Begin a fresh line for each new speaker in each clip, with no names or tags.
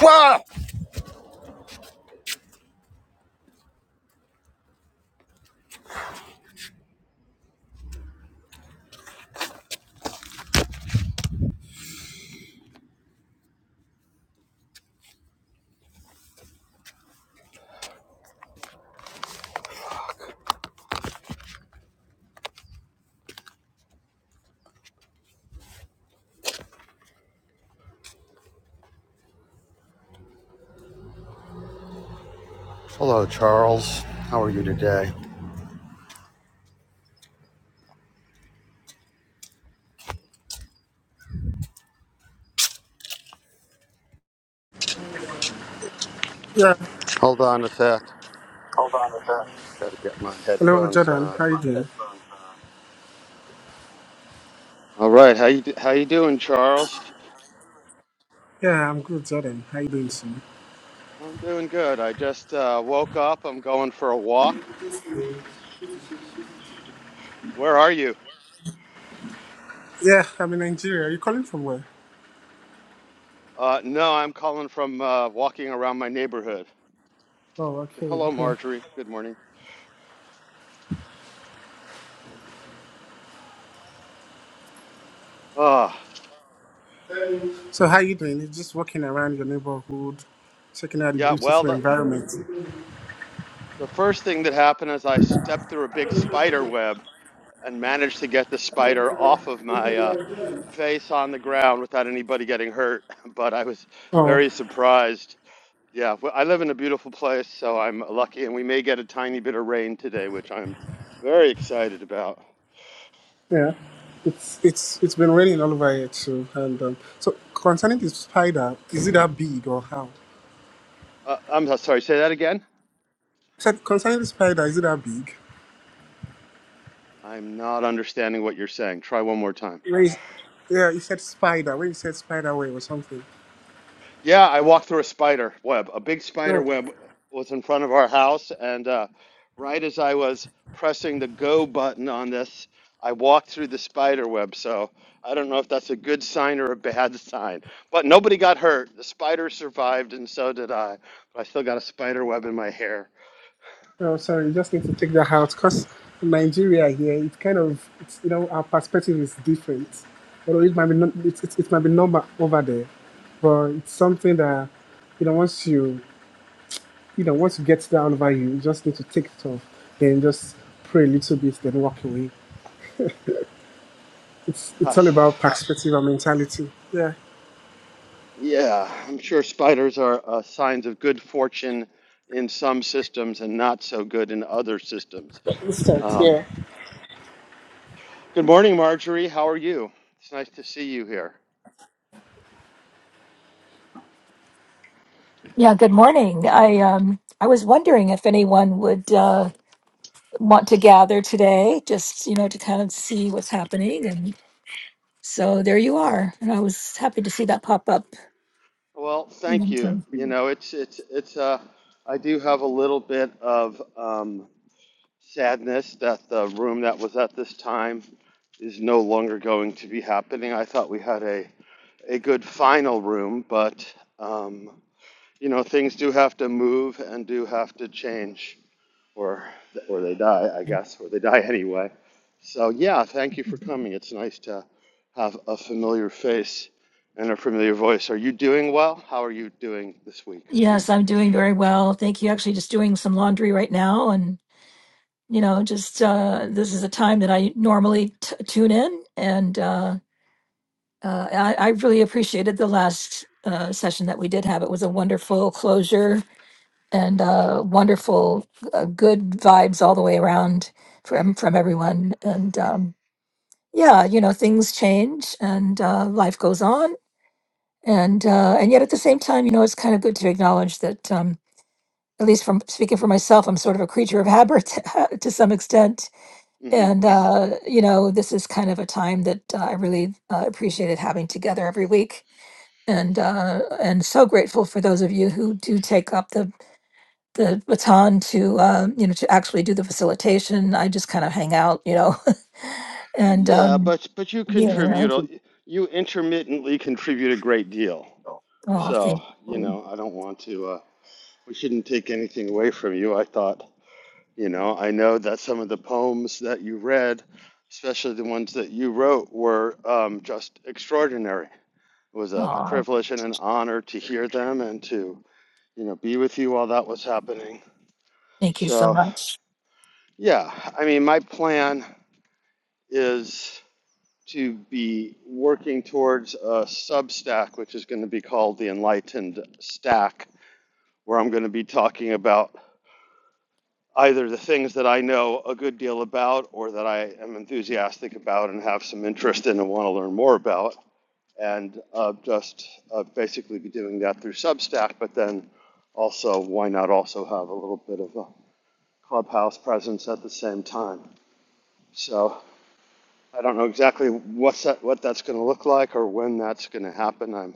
Wow. Hello, Charles. How are you today?
Yeah.
Hold on a sec.
Hold on a sec.
Got to get my
Hello,
headphones
Jordan. How
on.
you doing?
All right, how you how you doing, Charles?
Yeah, I'm good, Jordan. How you doing, Simi?
I'm doing good. I just uh, woke up. I'm going for a walk. Where are you?
Yeah, I'm in Nigeria. Are you calling from where?
Uh, no, I'm calling from uh, walking around my neighborhood.
Oh, okay.
Hello,
Yeah.
Marjorie. Good morning. Ah,
So how you doing? You're just walking around your neighborhood, checking out the
yeah. Well,
beautiful
the
environment.
the first thing that happened is I stepped through a big spider web, and managed to get the spider off of my uh, face on the ground without anybody getting hurt. But I was
Oh,
very surprised. Yeah, w- I live in a beautiful place, so I'm lucky, and we may get a tiny bit of rain today, which I'm very excited about.
yeah. It's it's it's been raining all over here too. And um, so concerning the spider, is it that big or how?
Uh, I'm so, sorry, say that again.
So concerning the spider, is it that big?
I'm not understanding what you're saying. Try one more time.
When you- yeah, you said spider. When you said spider web or something.
Yeah, I walked through a spider web. A big spider
Oh.
web was in front of our house, and uh, right as I was pressing the go button on this, I walked through the spider web. So I don't know if that's a good sign or a bad sign, but nobody got hurt. The spider survived, and so did I. But I still got a spider web in my hair.
Oh, sorry, you just need to take that out because in Nigeria here, it kind of, it's, you know, our perspective is different. Although it might be, not, it, it, it might be normal over there, but it's something that, you know, once you, you know, once you get down over you, you just need to take it off, then just pray a little bit, then walk away. It's,
Uh,
it's all about perspective and mentality. Yeah.
yeah, I'm sure spiders are uh, signs of good fortune in some systems and not so good in other systems.
Instant,
Um,
yeah.
Good morning, Marjorie. How are you? It's nice to see you here.
Yeah, good morning. I um I was wondering if anyone would uh want to gather today, just you know, to kind of see what's happening and so there you are. And I was happy to see that pop up.
Well,
in
thank you.
LinkedIn.
You know, it's it's it's uh, I do have a little bit of um, sadness that the room that was at this time is no longer going to be happening. I thought we had a a good final room, but um, you know, things do have to move and do have to change. or or they die, I guess, or they die anyway. So yeah, thank you for coming. It's nice to have a familiar face and a familiar voice. Are you doing well? How are you doing this week?
Yes, I'm doing very well. Thank you. Actually just doing some laundry right now and you know, just uh this is a time that I normally t- tune in and uh uh, I, I really appreciated the last uh, session that we did have. It was a wonderful closure and uh, wonderful, uh, good vibes all the way around from from everyone. And um, yeah, you know, things change and uh, life goes on, and uh, and yet at the same time, you know, it's kind of good to acknowledge that. Um, at least from speaking for myself, I'm sort of a creature of habit to some extent.
hmm
And, uh, you know, this is kind of a time that uh, I really uh, appreciated having together every week. And uh, and so grateful for those of you who do take up the the baton to um, you know to actually do the facilitation. I just kind of hang out, you know, and
Yeah,
um,
but but you
yeah.
contribute. a- You intermittently contribute a great deal.
Oh, thank
So you
you.
know, I don't want to. Uh, we shouldn't take anything away from you. I thought. You know, I know that some of the poems that you read, especially the ones that you wrote, were um, just extraordinary It was a
Oh,
privilege and an honor to hear them and to, you know, be with you while that was happening.
thank you so
So,
much.
yeah, I mean, my plan is to be working towards a Substack, which is going to be called the Enlightened Stack, where I'm going to be talking about either the things that I know a good deal about or that I am enthusiastic about and have some interest in and want to learn more about and uh, just uh, basically be doing that through Substack. But then also, why not also have a little bit of a clubhouse presence at the same time? So I don't know exactly what's that, what that's going to look like or when that's going to happen. I'm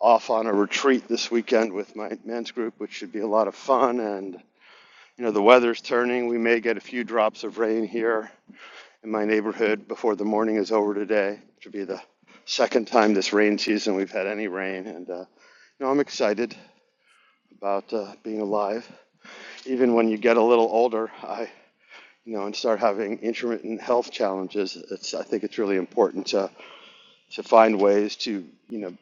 off on a retreat this weekend with my men's group, which should be a lot of fun. And you know, the weather's turning. We may get a few drops of rain here in my neighborhood before the morning is over today. which Should be the second time this rain season we've had any rain, and uh, you know I'm excited about uh, being alive. Even when you get a little older, I you know and start having intermittent health challenges, it's I think it's really important to to find ways to you know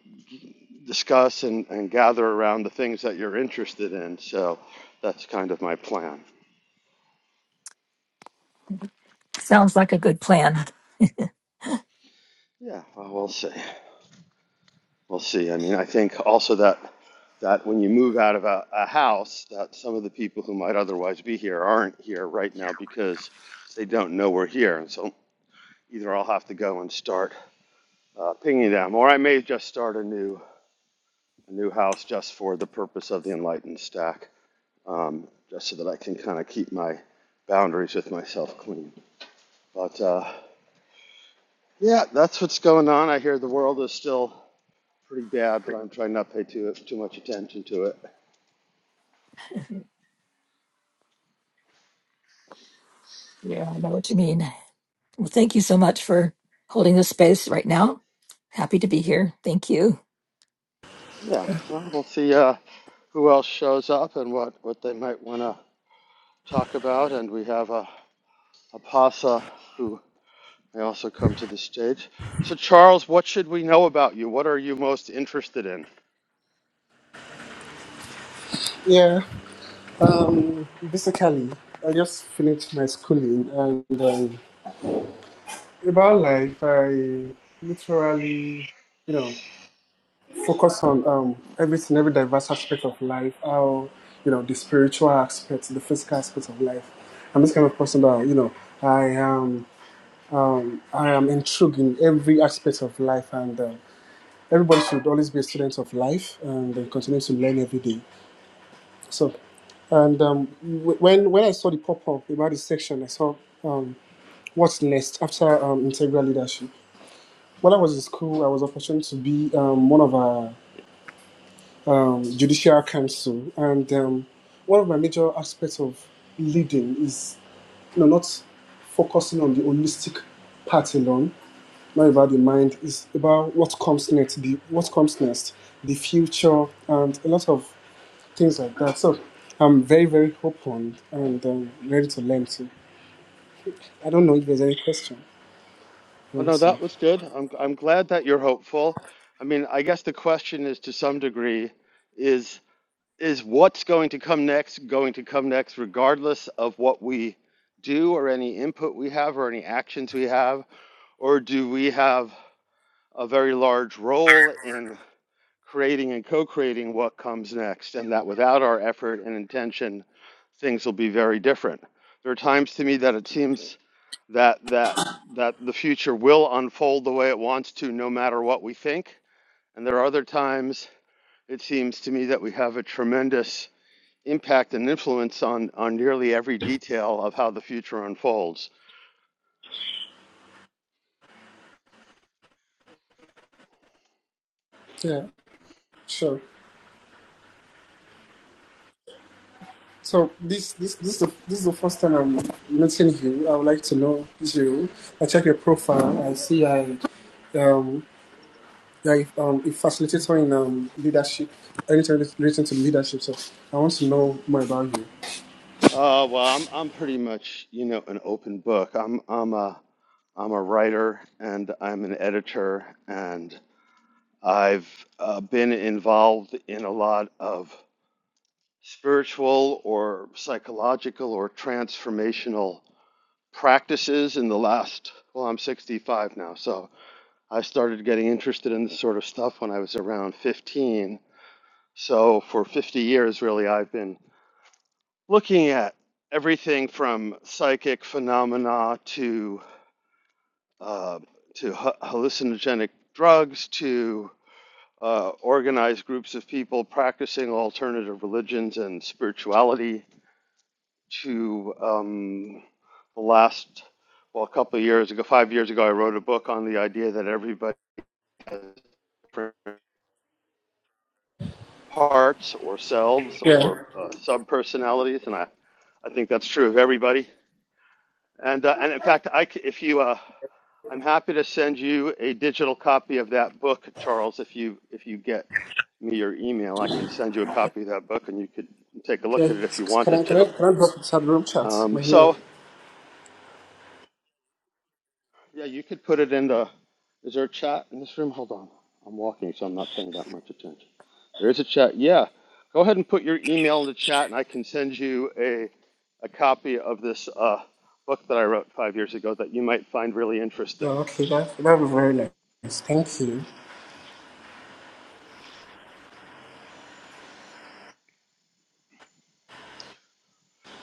discuss and, and gather around the things that you're interested in. So that's kind of my plan.
Sounds like a good plan.
Yeah, well, we'll see. We'll see. I mean, I think also that that when you move out of a, a house, that some of the people who might otherwise be here aren't here right now because they don't know we're here, and so either I'll have to go and start uh, pinging them, or I may just start a new a new house just for the purpose of the enlightened stack, um, just so that I can kind of keep my boundaries with myself clean. But uh, yeah, that's what's going on. I hear the world is still pretty bad, but I'm trying not to pay too too much attention to it.
Yeah, I know what you mean. Well, thank you so much for holding this space right now. Happy to be here. Thank you.
Yeah, well, we'll see uh, who else shows up and what, what they might want to talk about. And we have a, a PASA who may also come to the stage. So, Charles, what should we know about you? What are you most interested in?
Yeah. Um, basically, I just finished my schooling and, um, about life, I literally, you know, focus on um, everything, every diverse aspect of life, how, you know, the spiritual aspects, the physical aspects of life. I'm this kind of person that, you know, I am, um, I am intrigued in every aspect of life and uh, everybody should always be a student of life and then continue to learn every day. So, and um, w- when, when I saw the pop-up about this section, I saw um, what's next after um, integral leadership. When I was in school, I was opportuned to be um, one of our um, judicial council, and um, one of my major aspects of leading is you know not focusing on the holistic part alone, not about the mind, is about what comes next, the what comes next, the future, and a lot of things like that. So I'm very very open and um, ready to learn too. I don't know if there's any question.
Oh, no,
Let's
that
see.
was good. I'm, I'm glad that you're hopeful. I mean, I guess the question is to some degree is is what's going to come next going to come next regardless of what we do or any input we have or any actions we have or do we have a very large role in creating and co creating what comes next, and that without our effort and intention, things will be very different. There are times to me that it seems that, that, that the future will unfold the way it wants to, no matter what we think. And there are other times it seems to me that we have a tremendous impact and influence on, on nearly every detail of how the future unfolds.
Yeah, sure. So this this this is the, this is the first time I'm meeting you. I would like to know you. I check your profile. I see I um yeah um a facilitator in um leadership. Anything relating to leadership. So I want to know more about you.
Uh, well, I'm I'm pretty much you know an open book. I'm I'm a I'm a writer and I'm an editor and I've uh, been involved in a lot of spiritual or psychological or transformational practices in the last. Well, I'm 65 now, so I started getting interested in this sort of stuff when I was around 15. So for 50 years, really, I've been looking at everything from psychic phenomena to uh, to hallucinogenic drugs to uh, organized groups of people practicing alternative religions and spirituality to um, the last well a couple of years ago five years ago I wrote a book on the idea that everybody has different parts or selves
Yeah.
or uh, sub personalities and I I think that's true of everybody And uh, and in fact, I c- if you uh, I'm happy to send you a digital copy of that book, Charles. If you if you get me your email, I can send you a copy of that book, and you could take a look
Yeah.
at it if you
Can I
wanted
can I
to.
can I drop the chat room chat?
Um,
My mail.
so yeah, you could put it in the. Is there a chat in this room? Hold on, I'm walking, so I'm not paying that much attention. There is a chat. Yeah, go ahead and put your email in the chat, and I can send you a a copy of this uh, book that I wrote five years ago that you might find really interesting.
Oh, okay. That that would be very nice. Thank you.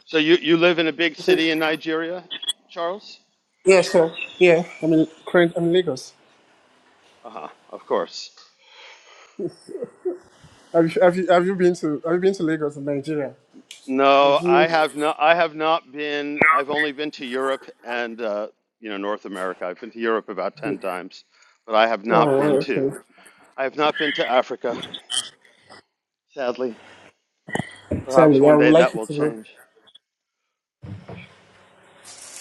So you, you live in a big city in Nigeria, Charles?
Yeah. Sure. Yeah. I'm in current. I'm in Lagos.
Uh-huh, of course.
Have you have you have you been to have you been to Lagos in Nigeria? Have
No, I
you?
have not. I have not been. I've only been to Europe and uh, you know North America. I've been to Europe about ten times, but I have not been
Oh,
to.
okay.
I have not been to Africa, sadly. Perhaps
Sally, I
one
would
day that
like you
will
to go.
change.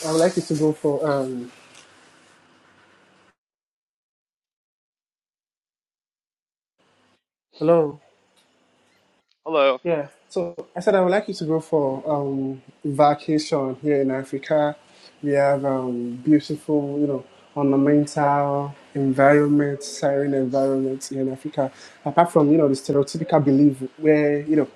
I would like you to go for um. Hello.
Hello.
Yeah. So I said I would like you to go for um vacation here in Africa. We have um beautiful, you know, ornamental environment, siren environment here in Africa. Apart from you know the stereotypical belief where you know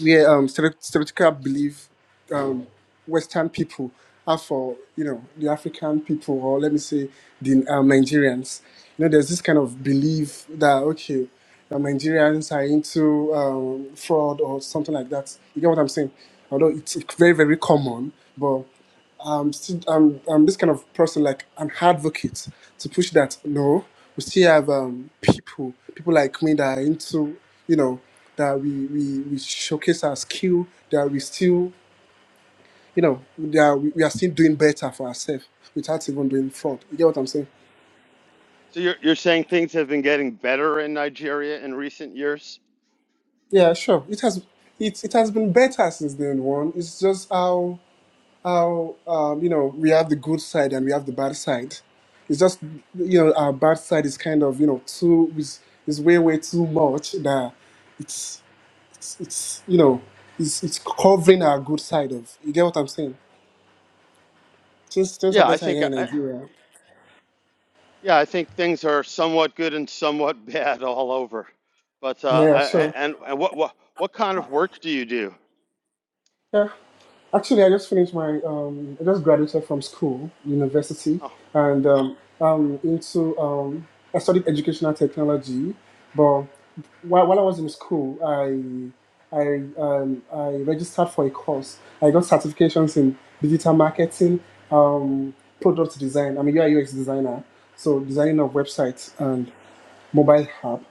where um stere- stereotypical belief um Western people have for you know the African people or let me say the um, Nigerians. You know, there's this kind of belief that okay, uh, Nigerians are into um, fraud or something like that. You get what I'm saying? Although it's very very common, but um, st- um, um, this kind of person like an advocate to push that. No, we still have um, people, people like me that are into, you know, that we, we, we showcase our skill, that we still, you know, that we, we are still doing better for ourselves without even doing fraud. You get what I'm saying?
So you're you're saying things have been getting better in Nigeria in recent years?
Yeah, sure. It has it, it has been better since then one. It's just how how um, you know we have the good side and we have the bad side. It's just you know our bad side is kind of you know too is is way way too much that it's it's, it's you know it's it's covering our good side of. You get what I'm saying? Things things are
Yeah, I
better
think
here in
I,
Nigeria.
Yeah, I think things are somewhat good and somewhat bad all over. But uh,
Yeah,
I,
sure.
and, and what what what kind of work do you do?
Yeah. Actually, I just finished my, um, I just graduated from school, university,
Oh,
and um, um, into, um, I studied educational technology. But while, while I was in school, I, I, um, I registered for a course. I got certifications in digital marketing, um, product design. I'm a UI UX designer, so designing of websites and mobile app.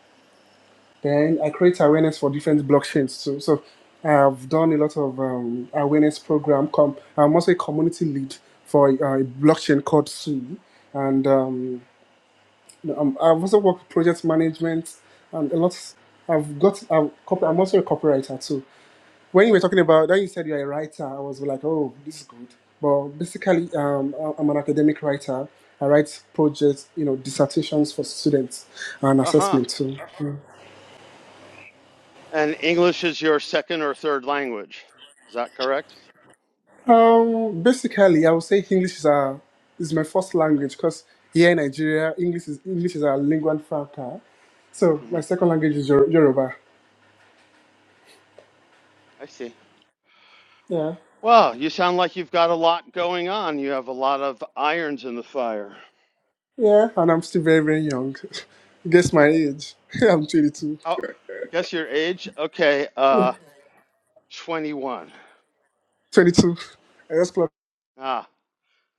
Then I create awareness for different blockchains. So, so I've done a lot of um, awareness program. Com- I'm also a community lead for uh, a blockchain called Sui, and um, um, I've also worked with project management and a lot. I've got. I've, I'm also a copywriter too. When you were talking about that, you said you're a writer. I was like, oh, this is good. But basically, um, I'm an academic writer. I write projects, you know, dissertations for students and
uh huh.
assessment too.
And English is your second or third language. Is that correct?
Um, basically, I would say English is our is my first language because here in Nigeria, English is English is our lingua franca. So my
hmm
second language is Yor- Yoruba.
I see.
Yeah,
Well, you sound like you've got a lot going on. You have a lot of irons in the fire.
yeah, and I'm still very very young. Guess my age? I'm 22.
Oh, guess your age? Okay, uh, 21.
22. I just clocked-
Ah.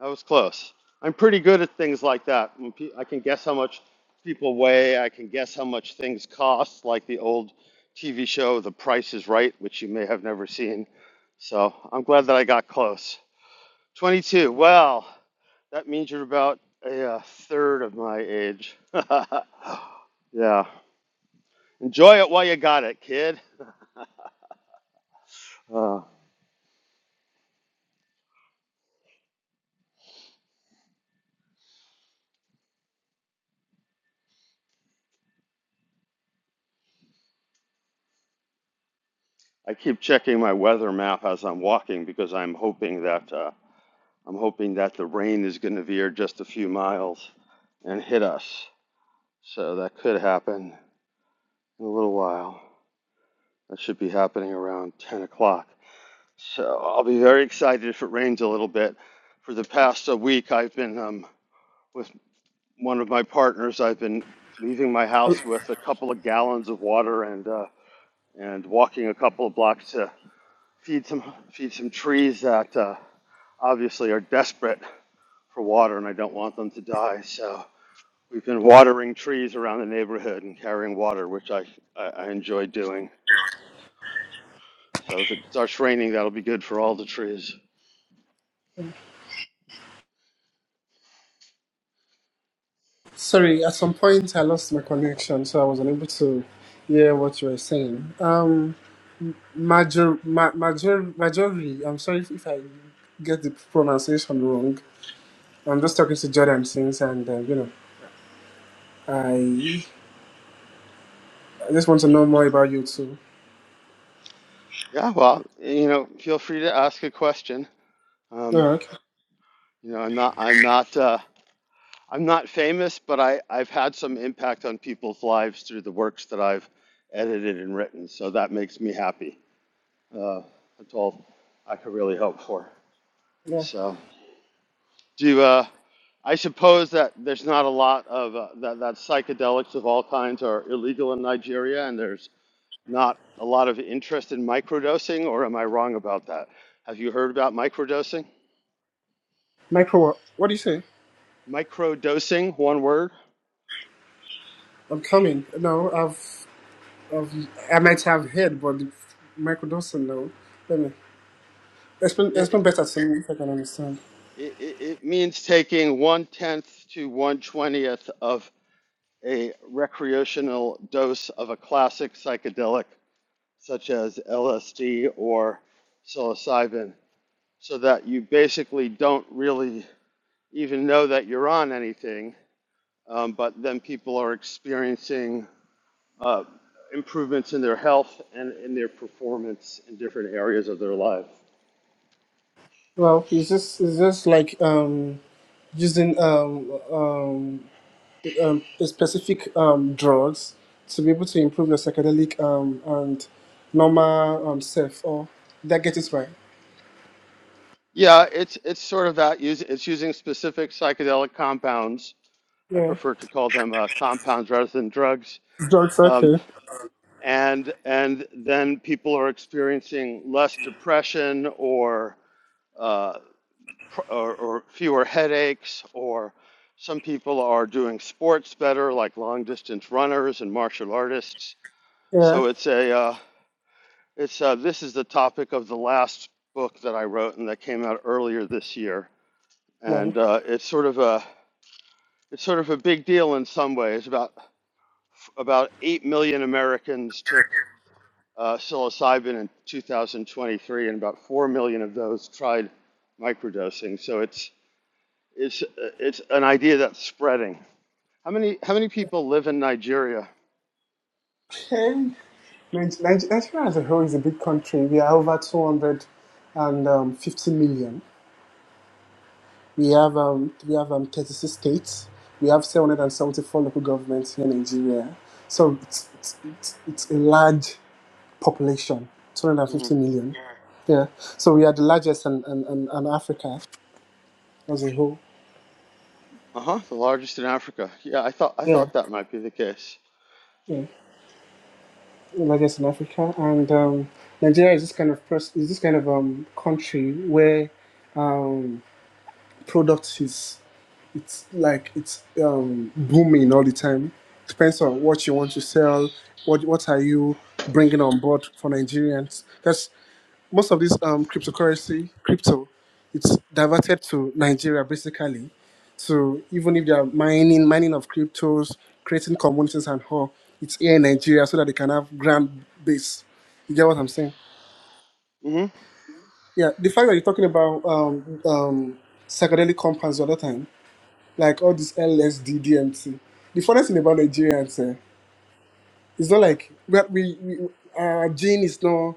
That was close. I'm pretty good at things like that. I can guess how much people weigh. I can guess how much things cost, like the old TV show The Price is Right, which you may have never seen. So I'm glad that I got close. 22. Well, that means you're about a, uh third of my age. yeah. Enjoy it while you got it, kid. Uh, I keep checking my weather map as I'm walking because I'm hoping that. Uh, I'm hoping that the rain is going to veer just a few miles and hit us. So that could happen in a little while. That should be happening around 10 o'clock. So I'll be very excited if it rains a little bit. For the past a week, I've been um, with one of my partners. I've been leaving my house with a couple of gallons of water and uh, and walking a couple of blocks to feed some feed some trees that uh, obviously are desperate for water, and I don't want them to die. So We've been watering trees around the neighborhood and carrying water, which I, I, I enjoy doing. So if it starts raining, that'll be good for all the trees.
Sorry, at some point I lost my connection, so I was unable to hear what you were saying. Um, major, ma, major, majority. I'm sorry if if I get the pronunciation wrong. I'm just talking to Jordan since, and uh, you know, I I just want to know more about you too.
Yeah, well, you know, feel free to ask a question. Um,
Oh, okay.
you know, I'm not, I'm not, uh, I'm not famous, but I, I've had some impact on people's lives through the works that I've edited and written. So that makes me happy. Uh, that's all I could really hope for.
Yeah.
So. Do uh, I suppose that there's not a lot of uh, that, that psychedelics of all kinds are illegal in Nigeria, and there's not a lot of interest in microdosing, or am I wrong about that? Have you heard about microdosing?
Michael, what, what do you say?
Microdosing, one word.
I'm coming. No, I've, I've I might have heard, but Michael doesn't know. Let me explain. Explain
It,
better to me if I can understand.
it, it it means taking one tenth to one twentieth of a recreational dose of a classic psychedelic, such as LSD or psilocybin, so that you basically don't really even know that you're on anything. Um, but then people are experiencing uh, improvements in their health and in their performance in different areas of their life.
Well, it's just it's just like um using um um, um specific um drugs to be able to improve your psychedelic um and normal um self. Or did I get it right?
Yeah, it's it's sort of that. Use it's using specific psychedelic compounds. I
Yeah.
prefer to call them uh, compounds rather than drugs.
George
Um,
Sochi.
and and then people are experiencing less depression or uh, or, or fewer headaches, or some people are doing sports better, like long distance runners and martial artists.
Yeah.
So it's a uh, it's uh, this is the topic of the last book that I wrote and that came out earlier this year,
Well,
and uh, it's sort of a it's sort of a big deal in some ways. About about eight million Americans took uh, psilocybin in 2023, and about four million of those tried microdosing. So it's It's uh, it's an idea that's spreading. How many how many people live in Nigeria?
And Nigeria as a whole is a big country. We are over 250 million. We have um, we have um, 36 states. We have 774 local governments here in Nigeria. So it's, it's, it's, it's a large population,
hmm
250 million. Yeah. So we are the largest in, in, in, in Africa as a whole.
Uh huh. The largest in Africa. Yeah, I thought I
Yeah.
thought that might be the case.
Yeah. I guess in Africa, and um, Nigeria is this kind of pers- is this kind of um, country where product is it's like it's um, booming all the time. Depends on what you want to sell. What what are you bringing on board for Nigerians? That's most of this um, cryptocurrency, crypto, it's diverted to Nigeria basically. So even if they are mining, mining of cryptos, creating communities and all, it's here in Nigeria so that they can have grand base. You get what I'm saying?
hmm
Yeah, the fact that you're talking about um, um, psychedelic compounds the other time, like all this LSD, DMT. The funniest thing about Nigerians, eh, it's not like but we, we our gene is not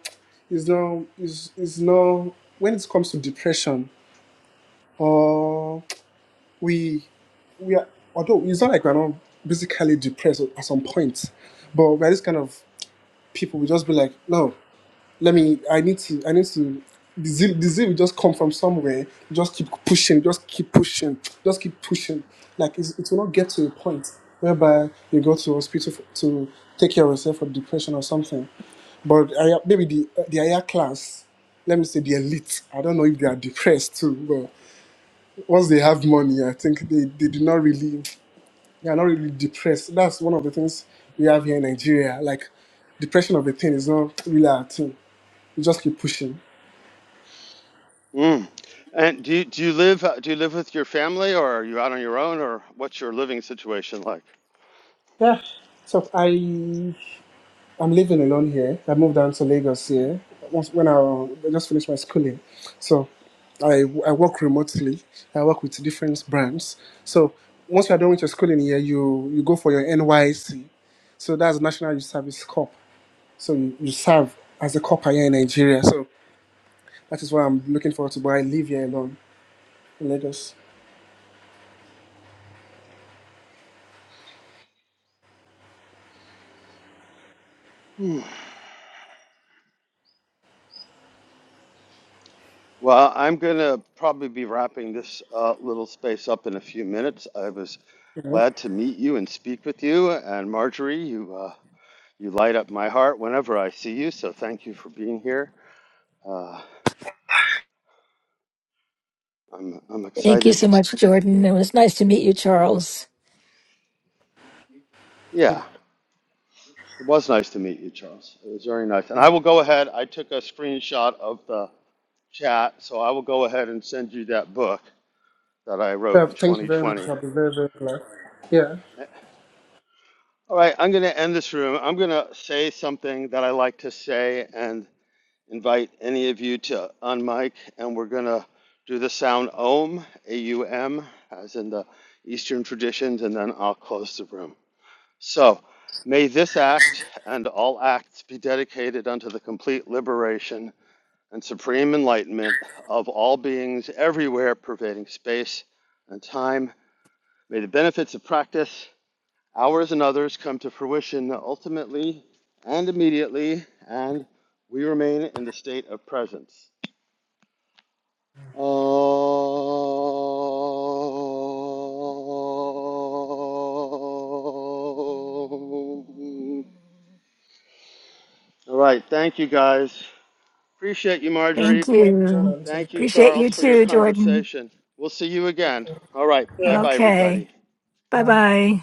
is not is is not when it comes to depression or we we are although it's not like we're not basically depressed at some point, but we're this kind of people. We just be like no. let me i need to i need to the zeal, the zeal will just come from somewhere just keep pushing just keep pushing just keep pushing like it's, it will not get to a point whereby you go to hospital for, to take care of yourself for depression or something but I, maybe the the higher class let me say the elite i don't know if they are depressed too but once they have money i think they, they do not really they are not really depressed that's one of the things we have here in nigeria like depression of a thing is not really a thing you just keep pushing
Mm. And do you, do you live uh, do you live with your family or are you out on your own or what's your living situation like?
Yeah. So I I'm living alone here. I moved down to Lagos here once when I, I just finished my schooling. So I I work remotely. I work with different brands. So once you are done with your schooling here, you you go for your NYC. So that's National Youth Service Corp. So you, you serve as a cop here in Nigeria. So that is what I'm looking forward to. But I live here alone in Lagos.
Hmm. Well, I'm gonna probably be wrapping this uh, little space up in a few minutes. I was glad to meet you and speak with you. And Marjorie, you uh, you light up my heart whenever I see you. So thank you for being here. Uh, I'm I'm
Thank you so
excited.
much, Jordan. It was nice to meet you, Charles.
Yeah, it was nice to meet you, Charles. It was very nice. And I will go ahead. I took a screenshot of the chat, so I will go ahead and send you that book that I wrote
Yeah,
in
thank you very much.
2020.
I'll be very very glad. Yeah.
All right, I'm going to end this room. I'm going to say something that I like to say and invite any of you to unmic, and we're going to do the sound OM, A U M, as in the Eastern traditions, and then I'll close the room. So, may this act and all acts be dedicated unto the complete liberation and supreme enlightenment of all beings everywhere, pervading space and time. May the benefits of practice, ours and others, come to fruition ultimately and immediately, and we remain in the state of presence. Oh. All right. Thank you, guys. Appreciate you,
Thank
Marjorie.
Thank you,
you.
Jordan. Thank
Thank you,
Appreciate you
Charles, for your
too, Jordan.
conversation. We'll see you again. All right.
you.
Bye
Yeah.
bye,
Okay.
everybody.
Bye
Bye.
bye.